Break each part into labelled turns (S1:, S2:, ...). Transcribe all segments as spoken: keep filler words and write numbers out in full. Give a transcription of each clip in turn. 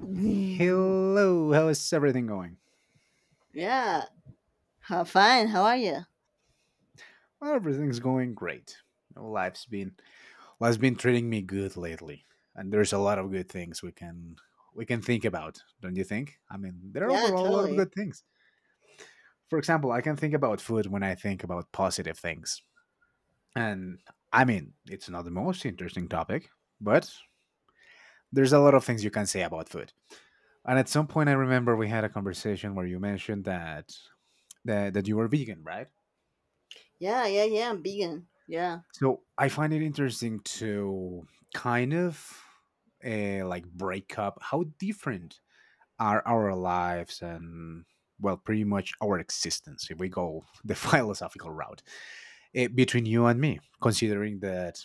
S1: Mm,
S2: Hello, how is everything going?
S1: yeah. How fine. How are you?
S2: Well, everything's going great. You know, life's been life's been treating me good lately, and there's a lot of good things we can we can think about, don't you think? I mean, there are
S1: Yeah,
S2: overall a lot of
S1: totally.
S2: good things. For example, I can think about food when I think about positive things, and I mean, it's not the most interesting topic, but there's a lot of things you can say about food. And at some point, I remember we had a conversation where you mentioned that that, that you were vegan, right?
S1: Yeah, yeah, yeah. I'm vegan. Yeah.
S2: So I find it interesting to kind of uh, like break up how different are our lives and well, pretty much our existence if we go the philosophical route eh, between you and me, considering that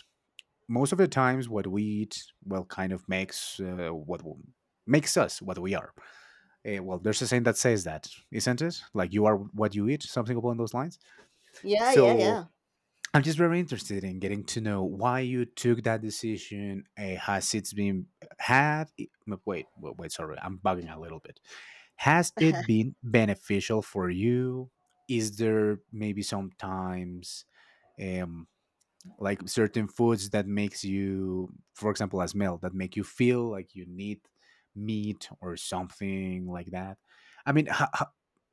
S2: most of the times what we eat well kind of makes uh, what w- makes us what we are. Eh, well, there's a saying that says that, isn't it? Like you are what you eat, something along those lines.
S1: Yeah, yeah,
S2: So
S1: yeah.
S2: I'm just very interested in getting to know why you took that decision. Uh, has it been had? It, no, wait, wait, wait, sorry, I'm bugging a little bit. Has it been beneficial for you? Is there maybe sometimes um, like certain foods that makes you for example as male that make you feel like you need meat or something like that. I mean, ho- ho-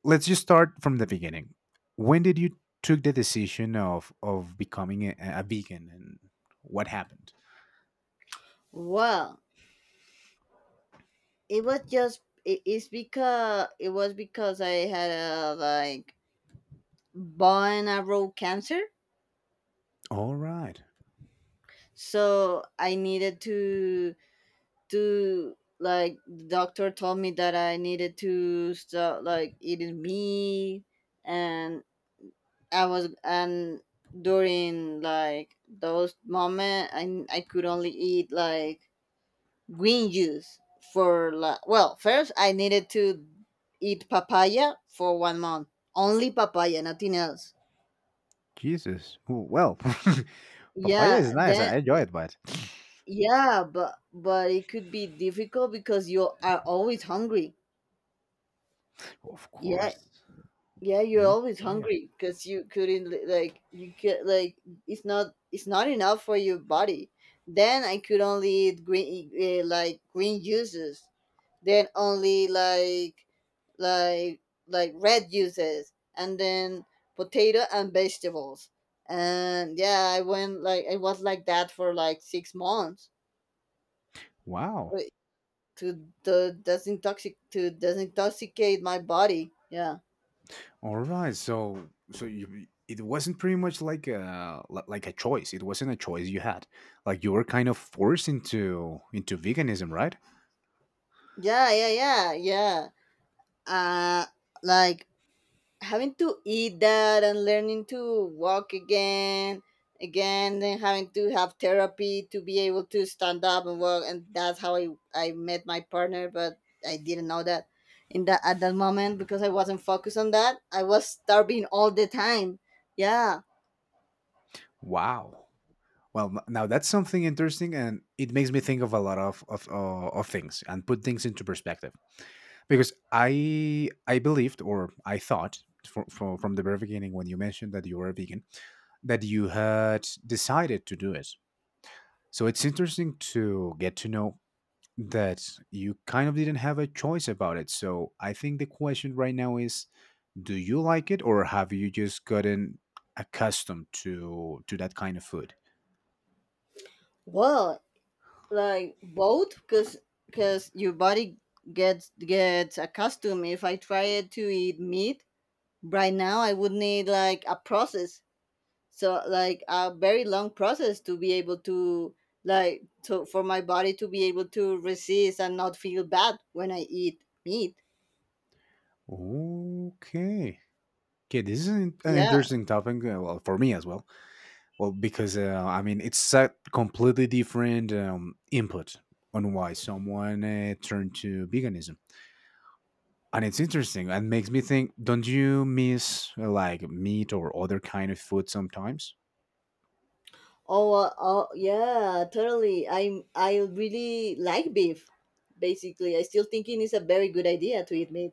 S2: let's just start from the beginning. When did you took the decision of of becoming a, a vegan, and what happened?
S1: Well, it was just it, it's because it was because I had a like bone marrow cancer,
S2: All right.
S1: so I needed to to like the doctor told me that I needed to stop like eating meat, and I was and during like those moment I I could only eat like green juice for like, well, first I needed to eat papaya for one month, only papaya, nothing else.
S2: Jesus. Oh, well. Papaya
S1: yeah
S2: is nice,
S1: that
S2: I enjoy it, but
S1: yeah but but it could be difficult because you are always hungry.
S2: of
S1: Yeah.
S2: course.
S1: Yeah, you're
S2: Only
S1: always
S2: papaya.
S1: hungry because you couldn't li- like you could like, it's not it's not enough for your body. Then I could only eat green, uh, like green juices. Then only like like like red juices, and then potato and vegetables. And yeah, I went like, I was like that for like six months,
S2: Wow.
S1: uh, to to desintoxic to desintoxicate my body. Yeah,
S2: All right. So so you, it wasn't pretty much like a li- like a choice. It wasn't a choice you had. Like you were kind of forced into into veganism, right?
S1: yeah, yeah, yeah, yeah. uh like having to eat that and learning to walk again, again then having to have therapy to be able to stand up and walk, and that's how i i met my partner, but I didn't know that in that at that moment because I wasn't focused on that. I was starving all the time. Yeah.
S2: Wow. Well, n- now that's something interesting, and it makes me think of a lot of of, uh, of things and put things into perspective. Because I I believed, or I thought for, for, from the very beginning when you mentioned that you were a vegan that you had decided to do it. So it's interesting to get to know that you kind of didn't have a choice about it. So I think the question right now is, do you like it, or have you just gotten accustomed to to that kind of food?
S1: Well, like both, because because your body gets gets accustomed. If I try to eat meat right now, I would need like a process, so like a very long process to be able to like to for my body to be able to resist and not feel bad when I eat meat.
S2: Okay. Okay, this is an an
S1: Yeah.
S2: interesting topic. uh, Well, for me as well. Well, because uh, I mean, it's a completely different um, input on why someone uh, turned to veganism. And it's interesting and makes me think, don't you miss uh, like meat or other kind of food sometimes?
S1: Oh uh, oh yeah totally I'm I really like beef. Basically, I still thinking it's a very good idea to eat meat,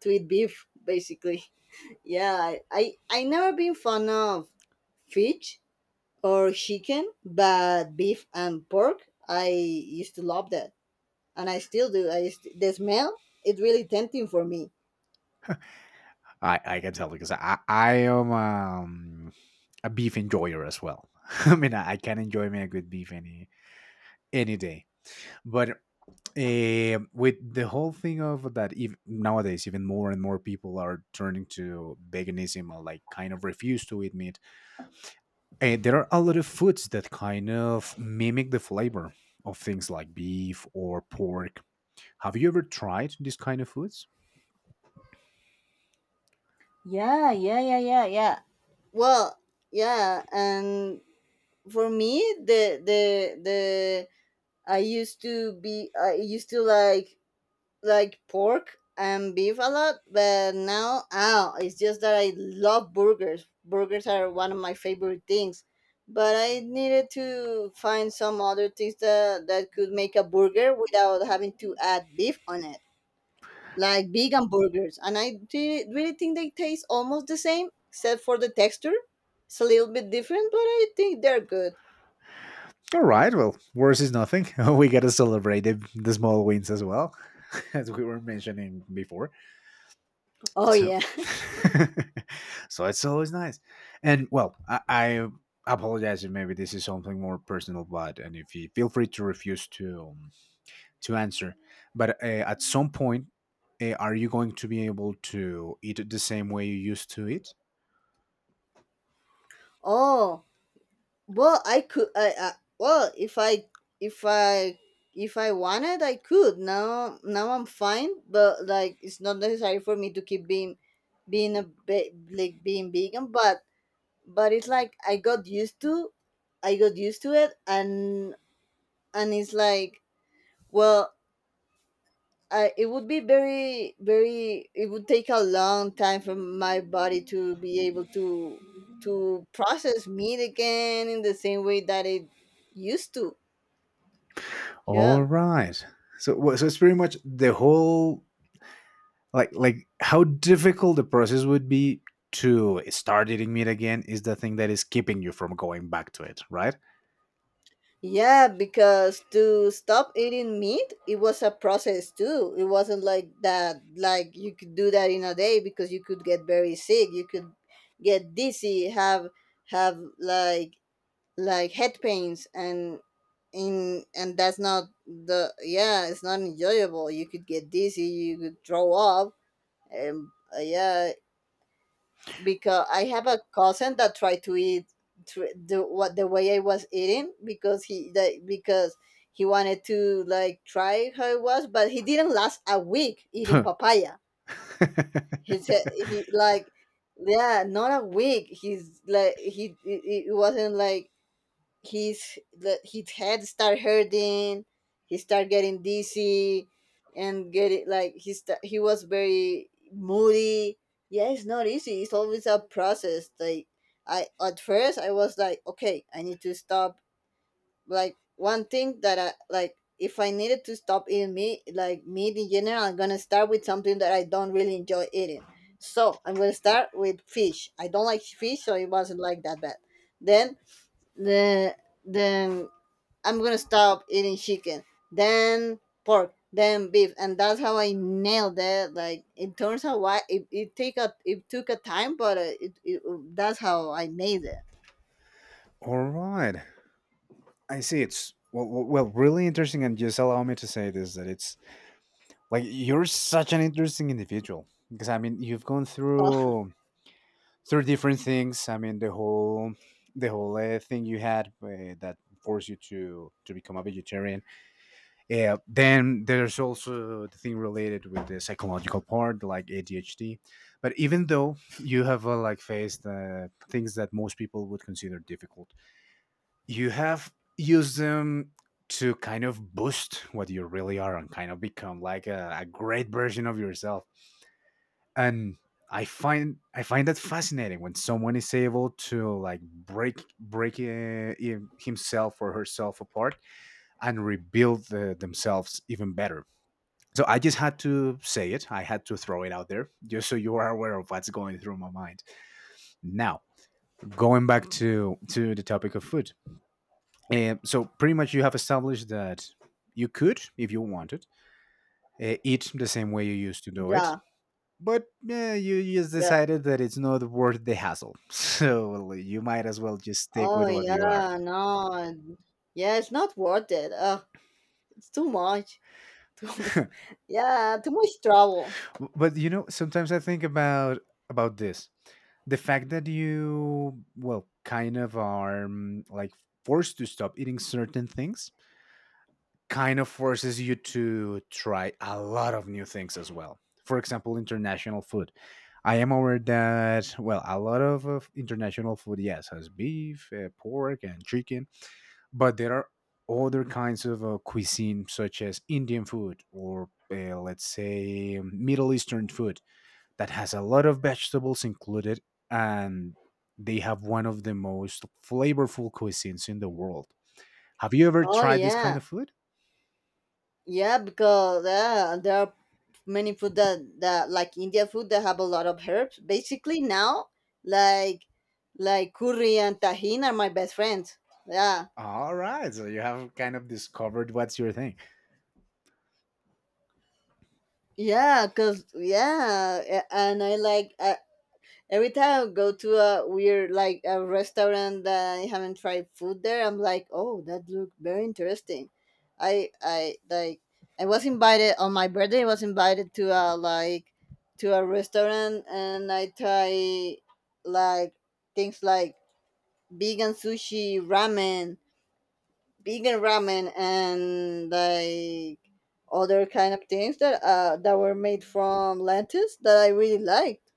S1: to eat beef basically. Yeah, i i, I never been fond of fish or chicken, but beef and pork, I used to love that, and I still do. I st- the smell, it's really tempting for me.
S2: I i can tell because i i am um, a beef enjoyer as well. I mean, i, I can enjoy me a good beef any any day. But uh, with the whole thing of that, if nowadays even more and more people are turning to veganism or like kind of refuse to eat meat. And there are a lot of foods that kind of mimic the flavor of things like beef or pork. Have you ever tried these kind of foods?
S1: Yeah, yeah, yeah, yeah, yeah. Well, yeah, and for me, the the the I used to be I used to like like pork and beef a lot, but now ow, it's just that I love burgers. Burgers are one of my favorite things, but I needed to find some other things that that could make a burger without having to add beef on it. Like vegan burgers, and I thi- really think they taste almost the same, except for the texture. It's a little bit different, but I think they're good.
S2: All right, well, worse is nothing. We got to celebrate the, the small wins as well, as we were mentioning before.
S1: Oh
S2: So,
S1: yeah.
S2: so it's always nice. And well, I, I apologize if maybe this is something more personal, but and if you feel free to refuse to um, to answer. But uh, at some point, uh, are you going to be able to eat it the same way you used to eat?
S1: Oh well, I could. I, I Well, if I if I if I wanted, I could. Now now I'm fine, but like it's not necessary for me to keep being being a ve- like being vegan. But but it's like I got used to, I got used to it, and and it's like, well, uh, it would be very very it would take a long time for my body to be able to to process meat again in the same way that it used to.
S2: All
S1: Yeah.
S2: right. So, wha- so it's pretty much the whole like like how difficult the process would be to start eating meat again is the thing that is keeping you from going back to it, right?
S1: Yeah, because to stop eating meat, it was a process too. It wasn't like that, like you could do that in a day, because you could get very sick. You could get dizzy, have have like like head pains, and in and that's not the, yeah, it's not enjoyable. You could get dizzy, you could throw up, and uh, yeah, because I have a cousin that tried to eat, tr the what the way I was eating, because he that because he wanted to like try how it was, but he didn't last a week eating
S2: All
S1: papaya. He said, he like, yeah, not a week. He's like, he it, it wasn't like, his the, his head start hurting, he start getting dizzy and getting like, he sta- he was very moody. Yeah, it's not easy. It's always a process. Like, I at first I was like, okay, I need to stop, like one thing that I like. If I needed to stop eating meat, like meat in general, I'm gonna start with something that I don't really enjoy eating. So I'm gonna start with fish. I don't like fish, so it wasn't like that bad. Then the then I'm gonna stop eating chicken, then pork, then beef, and that's how I nailed it. Like it turns out why it, it take a it took a time, but uh, it, it, that's how I made it.
S2: right. I see. It's well, well, well, really interesting. And just allow me to say this, that it's like you're such an interesting individual, because I mean, you've gone through through different things. I mean, the whole the whole uh, thing you had uh, that forced you to to become a vegetarian. Yeah. Then there's also the thing related with the psychological part, like A D H D. But even though you have uh, like faced uh, things that most people would consider difficult, you have used them to kind of boost what you really are and kind of become like a, a great version of yourself. And I find I find that fascinating, when someone is able to like break break uh, him- himself or herself apart and rebuild the, themselves even better. So I just had to say it. I had to throw it out there just so you are aware of what's going through my mind. Now, going back to to the topic of food. Um, so pretty much you have established that you could, if you wanted, uh, eat the same way you used to do it,
S1: Yeah,
S2: but yeah, you you just
S1: yeah.
S2: decided that it's not worth the hassle, so you might as well just stick
S1: Oh
S2: with what you are.
S1: yeah, no, yeah. It's not worth it. Uh, it's too much. Too much. Yeah, too much trouble.
S2: W- but you know sometimes I think about about this, the fact that you well kind of are mm, like forced to stop eating certain things kind of forces you to try a lot of new things as well. For example, international food. I am aware that, well, a lot of, of international food yes has beef, uh, pork and chicken, but there are other kinds of uh, cuisine, such as Indian food or uh, let's say um, Middle Eastern food that has a lot of vegetables included, and they have one of the most flavorful cuisines in the world. Have you ever
S1: Oh
S2: tried this kind
S1: yeah.
S2: of food?
S1: Yeah, because uh, there are many food that, that like India food that have a lot of herbs. Basically now, like like curry and tahini are my best friends. Yeah.
S2: All right, so you have kind of discovered what's your thing.
S1: Yeah, cause yeah, a- and I like I, every time I go to a weird like a restaurant that I haven't tried food there, I'm like, oh, that looked very interesting. I I like I was invited on my birthday. I was invited to a like to a restaurant, and I try like things like vegan sushi, ramen, vegan ramen, and like other kind of things that uh that were made from lentils that I really liked.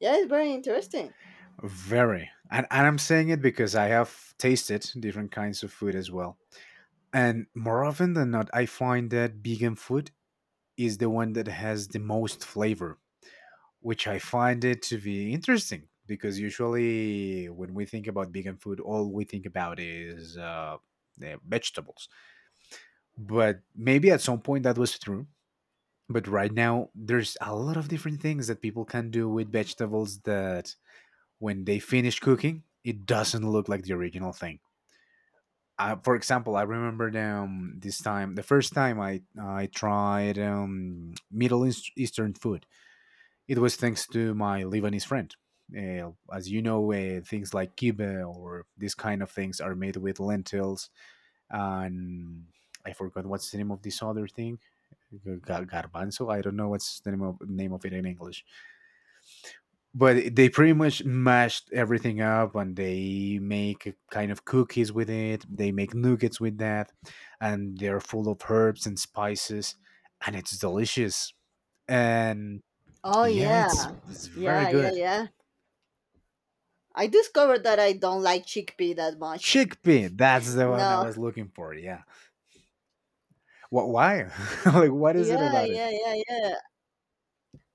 S1: Yeah, it's very interesting.
S2: Very. And, and I'm saying it because I have tasted different kinds of food as well, and more often than not I find that vegan food is the one that has the most flavor, which I find it to be interesting, because usually when we think about vegan food, all we think about is uh, eh, vegetables. But maybe at some point that was true. But right now, there's a lot of different things that people can do with vegetables that when they finish cooking, it doesn't look like the original thing. Uh, for example, I remember um, this time, the first time I I tried um, Middle East- Eastern food. It was thanks to my Lebanese friend. Uh, as you know, uh, things like kibbeh or these kind of things are made with lentils. And I forgot what's the name of this other thing, Gar- garbanzo. I don't know what's the name of name of it in English. But they pretty much mashed everything up, and they make kind of cookies with it. They make nuggets with that, and they're full of herbs and spices, and it's delicious. And
S1: Oh
S2: yeah, it's
S1: yeah.
S2: it's very
S1: Yeah, yeah,
S2: good.
S1: yeah. I discovered that I don't like chickpea that much.
S2: Chickpea. That's the one I
S1: No.
S2: was looking for. Yeah. What? Why? Like, what is it
S1: Yeah,
S2: about it?
S1: yeah, yeah, yeah.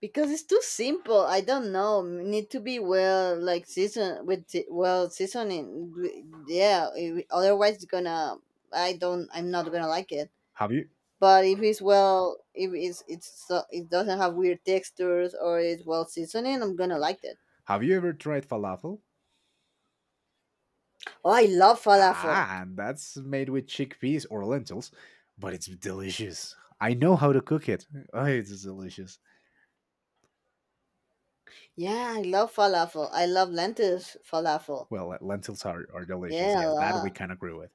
S1: Because it's too simple. I don't know. Need to be well like season with the- well seasoning. W- Yeah, it- otherwise it's gonna, I don't I'm not gonna like it.
S2: Have you
S1: But if it's well, if it's it's so, it doesn't have weird textures or it's well seasoning, I'm gonna like it.
S2: have you ever tried falafel?
S1: Oh, I love falafel.
S2: Ah, and that's made with chickpeas or lentils, but it's delicious. I know how to cook it. Oh, it's delicious.
S1: Yeah, I love falafel. I love lentils falafel.
S2: Well, le- lentils are, are delicious.
S1: Yeah, a
S2: Yes, that we
S1: lot.
S2: can agree with.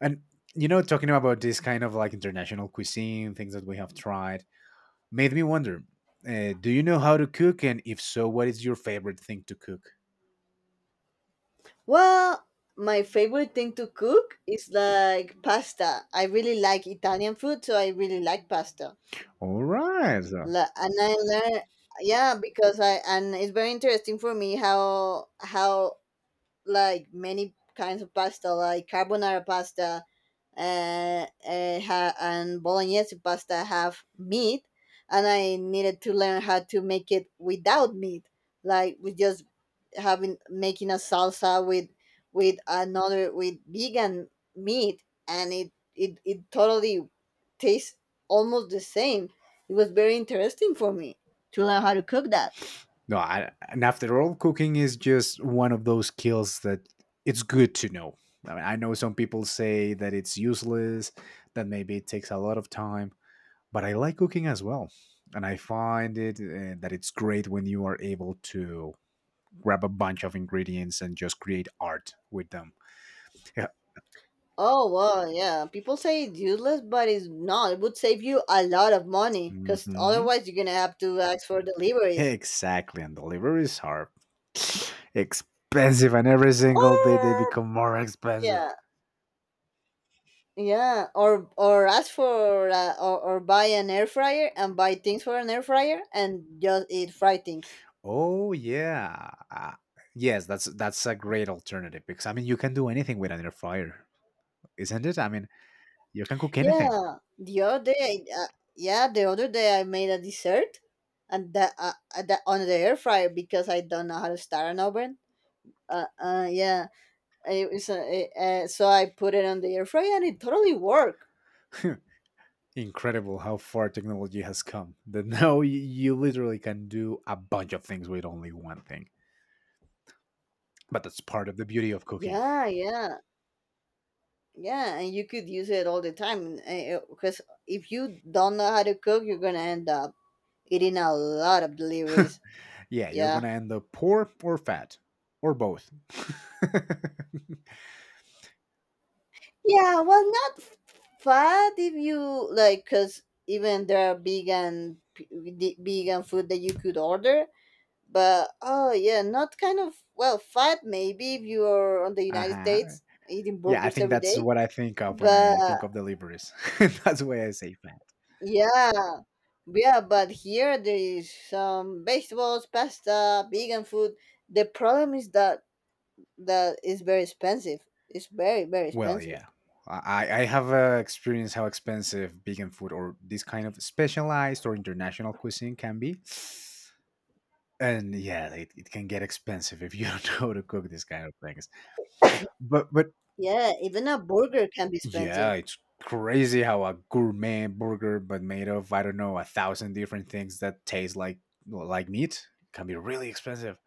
S2: And you know, talking about this kind of like international cuisine, things that we have tried, made me wonder. Uh, do you know how to cook? And if so, what is your favorite thing to cook?
S1: Well, my favorite thing to cook is like pasta. I really like Italian food, so I really like pasta.
S2: All right. so
S1: La- And I learn, yeah, because I, and it's very interesting for me how how like many kinds of pasta, like carbonara pasta, uh, uh ha- and bolognese pasta have meat, and I needed to learn how to make it without meat, like with just having making a salsa with with another with vegan meat, and it it, it totally tastes almost the same. It was very interesting for me to learn how to cook that.
S2: No, I, and after all, cooking is just one of those skills that it's good to know. I mean, I know some people say that it's useless, that maybe it takes a lot of time, but I like cooking as well. And I find it uh, that it's great when you are able to grab a bunch of ingredients and just create art with them. Yeah.
S1: Oh well, yeah, people say it's useless, but it's not. It would save you a lot of money, because
S2: Hmm.
S1: otherwise you're gonna have to ask for deliveries.
S2: Exactly. And deliveries are expensive, and every single day they
S1: Or
S2: become more expensive.
S1: yeah, yeah, or or ask for, uh, or, or buy an air fryer and buy things for an air fryer and just eat fried things.
S2: Oh yeah, uh, yes. That's that's a great alternative, because I mean you can do anything with an air fryer, isn't it? I mean you can cook anything.
S1: Yeah, the other day, I- uh, yeah, the other day I made a dessert, and that uh, uh, that on the air fryer, because I don't know how to start an oven. Uh, uh yeah, it was uh, it- uh, so I put it on the air fryer and it totally worked.
S2: Incredible how far technology has come. That now y- you literally can do a bunch of things with only one thing. But that's part of the beauty of cooking.
S1: Yeah, yeah, yeah, and you could use it all the time, because if you don't know how to cook, you're gonna end up eating a lot of deliveries.
S2: Yeah, you're
S1: Yeah.
S2: gonna end up poor or fat or both.
S1: Yeah, well, not f- fat if you like, because even there are vegan p- the vegan food that you could order. But oh yeah, not kind of well fat, maybe if you are on the
S2: Uh
S1: United
S2: huh.
S1: States eating
S2: Yeah, I
S1: burgers
S2: think
S1: every
S2: that's
S1: day.
S2: what I think of when
S1: But
S2: I think of deliveries. That's why I say fat.
S1: yeah, yeah. But here there is some vegetables, pasta, vegan food. The problem is that that is very expensive. It's very very
S2: Well,
S1: expensive.
S2: yeah. I, I have uh, experienced how expensive vegan food or this kind of specialized or international cuisine can be. And yeah, like, it, it can get expensive if you don't know how to cook these kind of things. But but
S1: Yeah, even a burger can be
S2: yeah,
S1: expensive.
S2: it's crazy how a gourmet burger but made of I don't know a thousand different things that taste like like meat can be really expensive.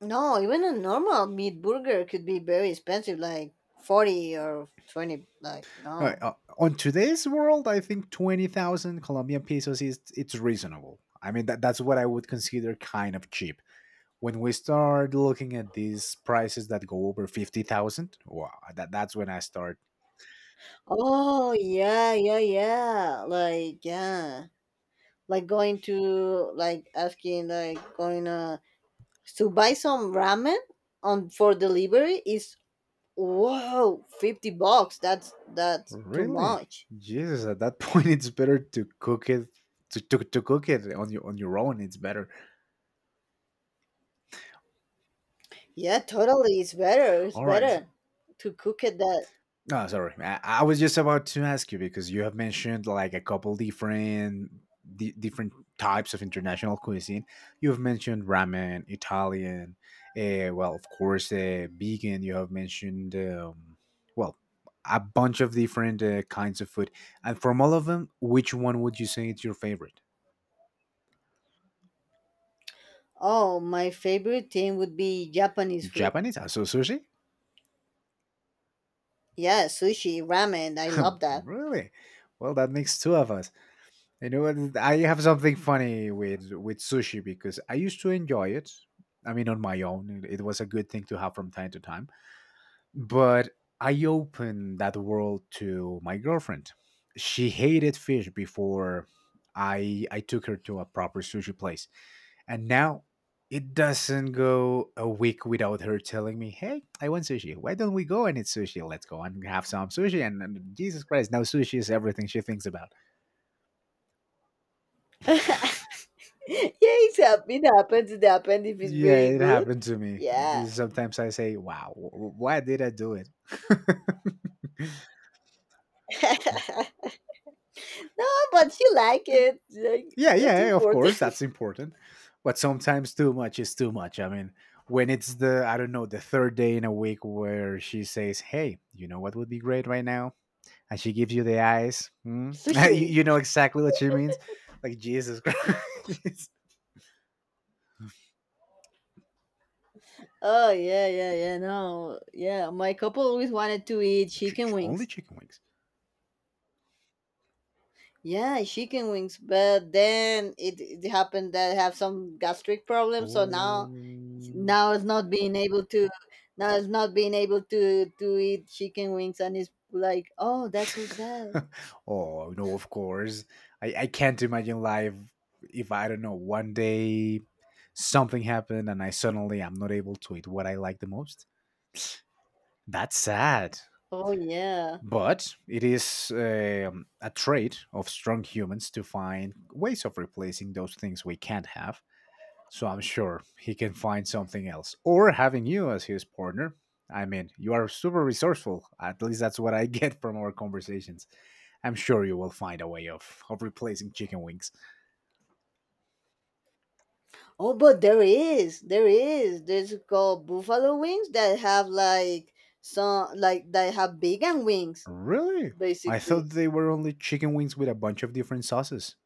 S1: No, even a normal meat burger could be very expensive, like forty or twenty, like,
S2: No,
S1: no.
S2: uh, on today's world, I think twenty thousand Colombian pesos is it's reasonable. I mean that that's what I would consider kind of cheap. When we start looking at these prices that go over fifty thousand, wow, that, that's when I start
S1: Oh, yeah, yeah, yeah. Like, yeah. Like going to, like, asking, like, going uh, to buy some ramen on for delivery is, whoa, fifty bucks. That's, that's too
S2: really.
S1: much.
S2: Jesus, at that point it's better to cook it to, to, to cook it on your on your own, it's better.
S1: Yeah, totally. It's better. It's
S2: All right.
S1: better to cook it that.
S2: Oh, sorry. I, I was just about to ask you because you have mentioned like a couple different di- different types of international cuisine. You have mentioned ramen, Italian, uh, well, of course, uh, vegan. You have mentioned um, well, a bunch of different uh, kinds of food. And from all of them, which one would you say is your favorite?
S1: Oh, my favorite thing would be Japanese food.
S2: Japanese, also sushi?
S1: Yeah, sushi, ramen. I love that.
S2: Really? Well, that makes two of us. You know what? I have something funny with with sushi because I used to enjoy it. I mean, on my own, it it was a good thing to have from time to time. But I opened that world to my girlfriend. She hated fish before I I took her to a proper sushi place, and now it doesn't go a week without her telling me, "Hey, I want sushi. Why don't we go and eat sushi? Let's go and have some sushi." And, and Jesus Christ, now sushi is everything she thinks about.
S1: Yeah, it's hap- it happens. It happens if it's
S2: Yeah,
S1: really
S2: it
S1: good.
S2: happened to me.
S1: Yeah.
S2: Sometimes I say, wow, wh- wh- why did I do it?
S1: No, but you like it. Like,
S2: Yeah,
S1: that's
S2: yeah, of course,
S1: important.
S2: that's important. But sometimes too much is too much. I mean, when it's the, I don't know, the third day in a week where she says, hey, you know what would be great right now? And she gives you the eyes. Hmm? you,
S1: Sushi.
S2: you know exactly what she means. Like, Jesus Christ.
S1: Oh yeah, yeah, yeah. No, yeah. My couple always wanted to eat
S2: Ch-
S1: chicken
S2: ch- Only
S1: wings.
S2: chicken wings.
S1: Yeah, chicken wings. But then it, it happened that I have some gastric problems, so now,
S2: Oh.
S1: now is not being able to now is not being able to to eat chicken wings, and it's like, oh, that's so sad.
S2: Oh no, of course. I, I can't imagine life if I don't know one day something happened and I suddenly am not able to eat what I like the most. That's sad.
S1: Oh yeah.
S2: But it is um, a trait of strong humans to find ways of replacing those things we can't have, so I'm sure he can find something else. Or having you as his partner. I mean, you are super resourceful. At least that's what I get from our conversations. I'm sure you will find a way of, of replacing chicken wings.
S1: Oh, but there is, there is there's called buffalo wings that have like, some like that have vegan wings
S2: Really? I
S1: basically.
S2: thought they were only chicken wings with a bunch of different sauces.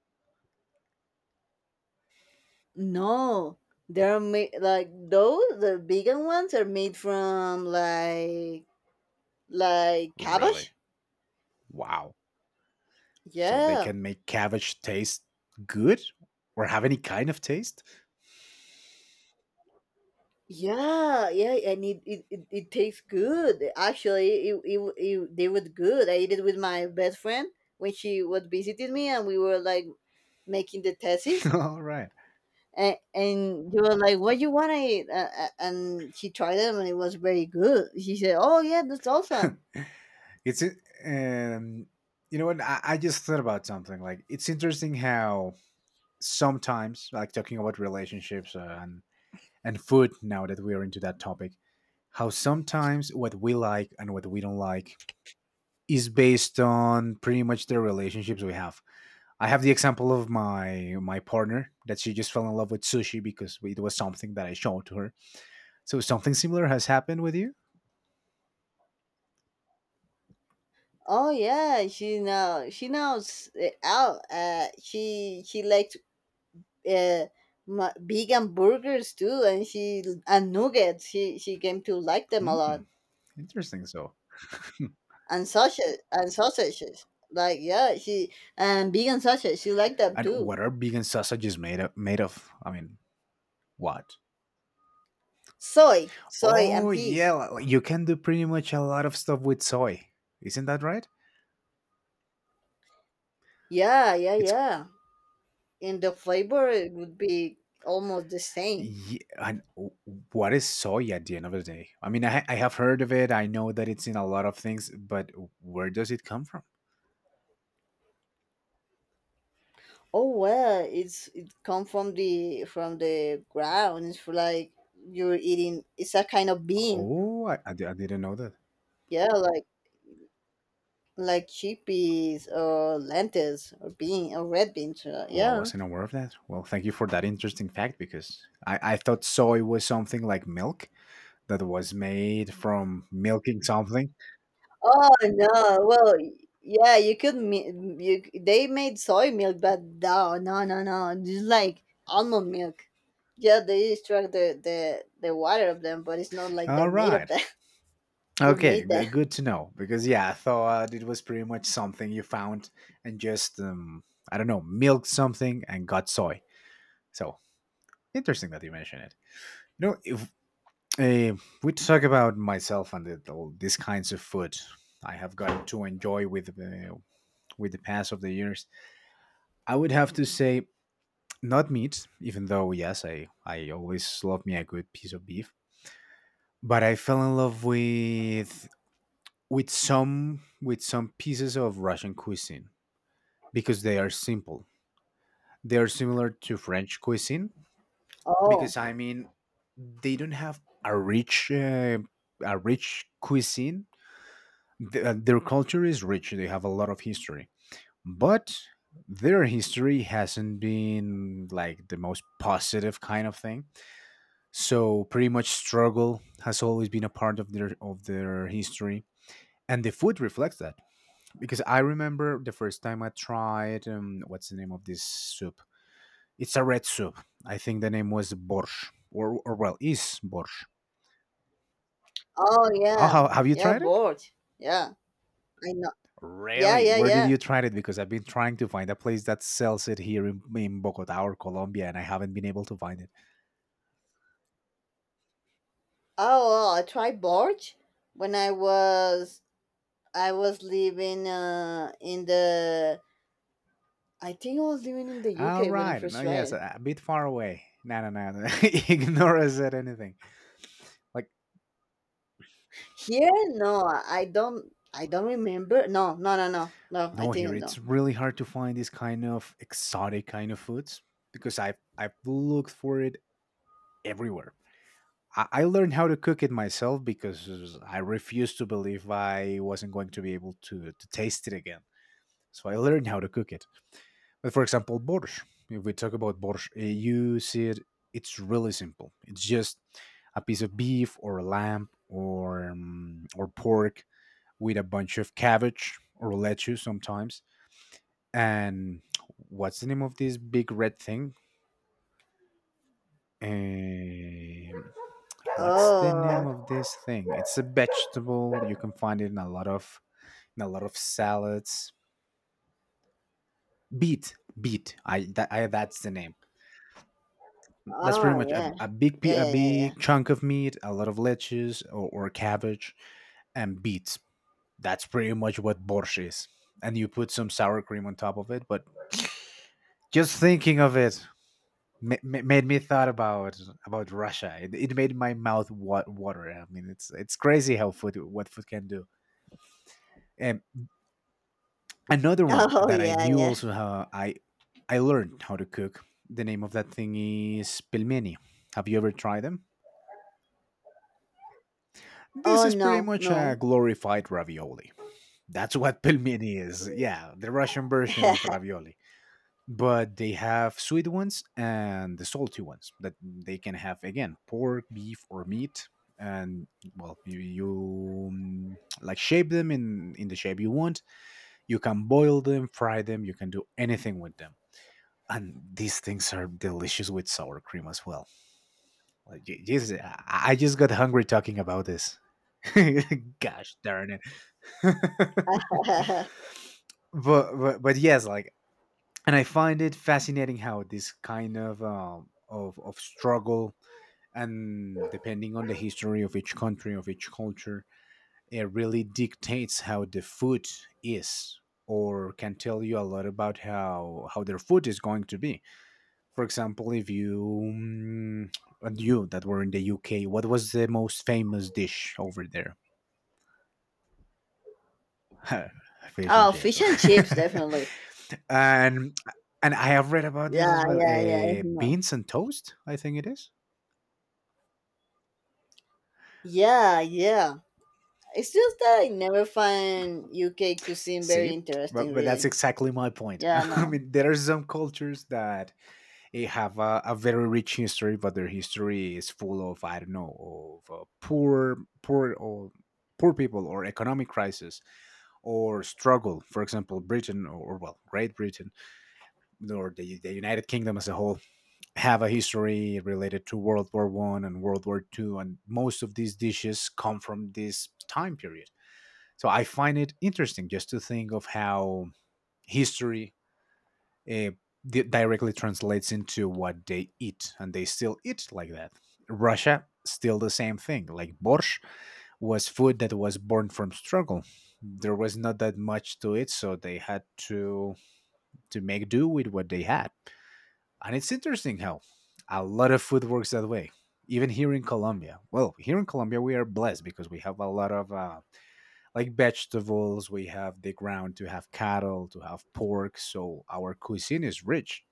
S1: No, they're made like those, the vegan ones are made from like like
S2: Really?
S1: cabbage.
S2: Wow. So they
S1: Yeah.
S2: can make cabbage taste good or have any kind of taste?
S1: Yeah, yeah, and it it, it, it tastes good. Actually, it, it, it they were good. I ate it with my best friend when she was visiting me, and we were like making the thesis.
S2: All right.
S1: And, and you were like, "What you want to eat?" Uh, uh, and she tried them, and it was very good. She said, "Oh yeah, that's awesome."
S2: It's it, um, you know what? I, I just thought about something. Like, it's interesting how sometimes, like talking about relationships uh, and and food. Now that we are into that topic, how sometimes what we like and what we don't like is based on pretty much the relationships we have. I have the example of my my partner that she just fell in love with sushi because it was something that I showed to her, so something similar has happened with you?
S1: Oh yeah, she now she knows it out. Uh, she she liked, uh ma- vegan burgers too, and she and nuggets. She she came to like them a
S2: Hmm,
S1: lot.
S2: interesting. So,
S1: And sausage and sausages. Like yeah, she and vegan sausage. She liked them
S2: and
S1: too.
S2: what are vegan sausages made of? Made of? I mean, what?
S1: Soy, soy
S2: Oh
S1: and
S2: yeah,
S1: peas.
S2: li- like you can do pretty much a lot of stuff with soy. Isn't that right?
S1: Yeah, yeah,
S2: It's
S1: yeah. In the flavor, it would be almost the same.
S2: yeah, and w- what is soy at the end of the day? I mean, I, ha- I have heard of it. I know that it's in a lot of things, but where does it come from?
S1: Oh well, it's it come from the from the ground. It's for like, you're eating. It's a kind of bean.
S2: Oh, I, I di- I didn't know that.
S1: Yeah, like like chickpeas or lentils or bean or red beans. uh,
S2: Oh, I
S1: Yeah.
S2: wasn't aware of that. Well, thank you for that interesting fact because I, I thought soy was something like milk that was made from milking something.
S1: Oh no! Well, yeah, you could. mi- You, they made soy milk, but no, no, no, no. Just like almond milk. Yeah, they extract the the the water of them, but it's not like
S2: All
S1: they're made of
S2: right.
S1: that. You
S2: Okay,
S1: made
S2: g-
S1: that.
S2: good to know because yeah, I thought it was pretty much something you found and just um, I don't know, milked something and got soy. So interesting that you mention it. You know, if uh, we talk about myself and the, the, these kinds of food I have gotten to enjoy with uh, with the pass of the years, I would have to say not meat, even though yes, I I always love me a good piece of beef, but I fell in love with with some with some pieces of Russian cuisine because they are simple. They are similar to French cuisine because
S1: Oh,
S2: I mean they don't have a rich uh, a rich cuisine. Th- uh, their culture is rich. They have a lot of history, but their history hasn't been like the most positive kind of thing. So pretty much struggle has always been a part of their of their history, and the food reflects that. Because I remember the first time I tried um, what's the name of this soup? It's a red soup. I think the name was borsch, or or well, is borsch.
S1: oh
S2: Oh,
S1: yeah,
S2: how, have you
S1: yeah,
S2: tried it?
S1: borge. Yeah, I know. Yeah,
S2: Really?
S1: yeah,
S2: Where did
S1: yeah.
S2: you try it? Because I've been trying to find a place that sells it here in, in Bogota or Colombia, and I haven't been able to find it.
S1: Oh, well, I tried borge when I was, I was living uh in the, I think I was living in the
S2: All
S1: U K when I
S2: right. No,
S1: first tried
S2: yes,
S1: it.
S2: a, a bit far away. No, no, no, no. Ignore I said anything. Like,
S1: Here, no, I don't. I don't remember. No, no, no, no, no. I
S2: no, here
S1: think
S2: it's
S1: no.
S2: really hard to find this kind of exotic kind of foods because I've I've looked for it everywhere. I, I learned how to cook it myself because I refused to believe I wasn't going to be able to to taste it again. So I learned how to cook it. But for example, borscht. If we talk about borscht, uh, you see it. It's really simple. It's just a piece of beef or a lamb or um, or pork with a bunch of cabbage or lettuce sometimes. And what's the name of this big red thing? Um, what's the name
S1: Oh,
S2: of this thing? It's a vegetable. You can find it in a lot of in a lot of salads. Beet, beet. I that, I that's the name. That's pretty
S1: oh
S2: much a,
S1: yeah,
S2: a big pe-
S1: yeah,
S2: a
S1: yeah, yeah, yeah.
S2: big chunk of meat, a lot of lettuce or, or cabbage, and beets. That's pretty much what borscht is. And you put some sour cream on top of it. But just thinking of it ma- ma- made me thought about about Russia. It, it made my mouth wa- water. I mean, it's it's crazy how food what food can do. And another one
S1: Oh
S2: that I
S1: yeah,
S2: knew
S1: yeah.
S2: also how I I learned how to cook. The name of that thing is pelmeni. Have you ever tried them? This
S1: Oh
S2: is pretty
S1: no,
S2: much a
S1: no.
S2: glorified ravioli. That's what pelmeni is. Yeah, the Russian version of ravioli. But they have sweet ones and the salty ones that they can have again pork, beef, or meat. And well, you, you mm, like shape them in in the shape you want. You can boil them, fry them. You can do anything with them. And these things are delicious with sour cream as well. Like, Je- Jesus, I, I just got hungry talking about this. Gosh darn it. but, but but yes, like, and I find it fascinating how this kind of um, of of struggle and depending on the history of each country of each culture, it really dictates how the food is or can tell you a lot about how how their food is going to be. For example, if you mm, and you that were in the U K, what was the most famous dish over there? Fish and
S1: Oh,
S2: chips.
S1: fish and chips, definitely.
S2: and and I have read about this
S1: Yeah,
S2: as well.
S1: yeah, yeah.
S2: Uh,
S1: No.
S2: beans and toast, I think it is.
S1: Yeah, yeah. It's just that I never find U K cuisine very
S2: See, but
S1: interesting,
S2: but that's
S1: really.
S2: exactly my point.
S1: Yeah,
S2: I
S1: no.
S2: mean, there are some cultures that eh, have a, a very rich history, but their history is full of I don't know of uh, poor, poor or poor people or economic crisis or struggle. For example, Britain or, or, well, Great Britain or the, the United Kingdom as a whole have a history related to World War One and World War Two, and most of these dishes come from this time period. So I find it interesting just to think of how history uh, di- directly translates into what they eat, and they still eat like that. Russia still the same thing, like borscht was food that was born from struggle. There was not that much to it, so they had to to make do with what they had. And it's interesting how a lot of food works that way. Even here in Colombia, well, here in Colombia we are blessed because we have a lot of uh, like vegetables. We have the ground to have cattle, to have pork, so our cuisine is rich.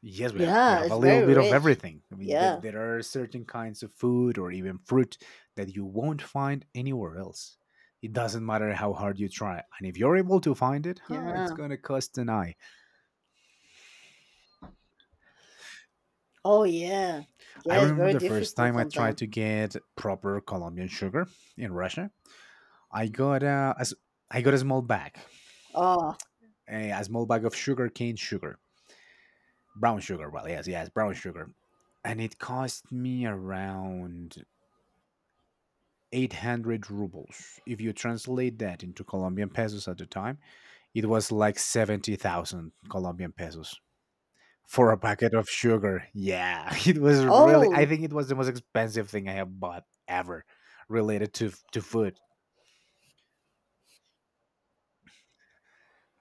S2: Yes, we have, we
S1: Yeah,
S2: have a
S1: it's
S2: little
S1: very
S2: bit of
S1: rich.
S2: everything. I mean, there,
S1: Yeah,
S2: there are certain kinds of food or even fruit that you won't find anywhere else. It doesn't matter how hard you try. And if you're able to find it, huh, it's
S1: yeah.
S2: going to cost an eye.
S1: Oh yeah,
S2: I
S1: yeah. It's
S2: remember
S1: very
S2: the first
S1: difficult
S2: time I tried
S1: sometimes.
S2: to get proper Colombian sugar in Russia. I got a, a s- I got a small bag,
S1: Oh.
S2: a, a small bag of sugar cane sugar, brown sugar. Well, yes, yes, brown sugar. And it cost me around eight hundred rubles. If you translate that into Colombian pesos at the time, it was like seventy thousand Colombian pesos for a packet of sugar. Yeah, it was really, I
S1: Oh,
S2: think it was the most expensive thing I have bought ever related to, f- to food.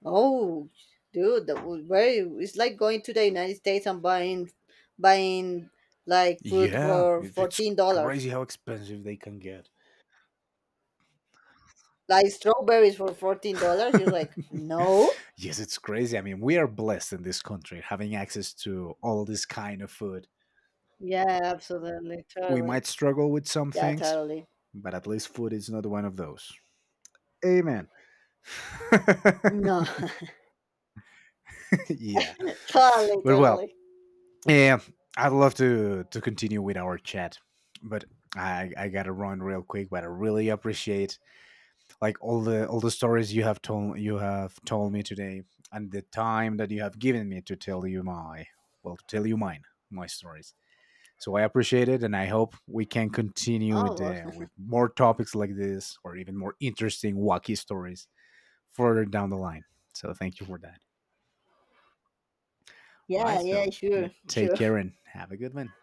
S1: oh, dude, that was very. It's like going to the United States and buying, buying like fruit
S2: Yeah,
S1: for
S2: it- it's
S1: fourteen dollars,
S2: crazy how expensive they can get.
S1: like strawberries for fourteen dollars. You're like, no.
S2: Yes, it's crazy. I mean, we are blessed in this country having access to all this kind of food.
S1: Yeah, absolutely,
S2: We
S1: totally.
S2: might struggle with some
S1: Yeah,
S2: things,
S1: totally.
S2: but at least food is not one of those. Amen.
S1: No,
S2: Yeah.
S1: totally,
S2: But well,
S1: totally.
S2: yeah, I'd love to to continue with our chat, but I I gotta run real quick. But I really appreciate like all the all the stories you have told you have told me today, and the time that you have given me to tell you my well to tell you mine my stories. So I appreciate it, and I hope we can continue with
S1: Oh, well.
S2: uh, with more topics like this, or even more interesting wacky stories further down the line. So thank you for that. Right.
S1: Yeah,
S2: So
S1: yeah,
S2: you
S1: sure,
S2: take
S1: sure.
S2: care and have a good one.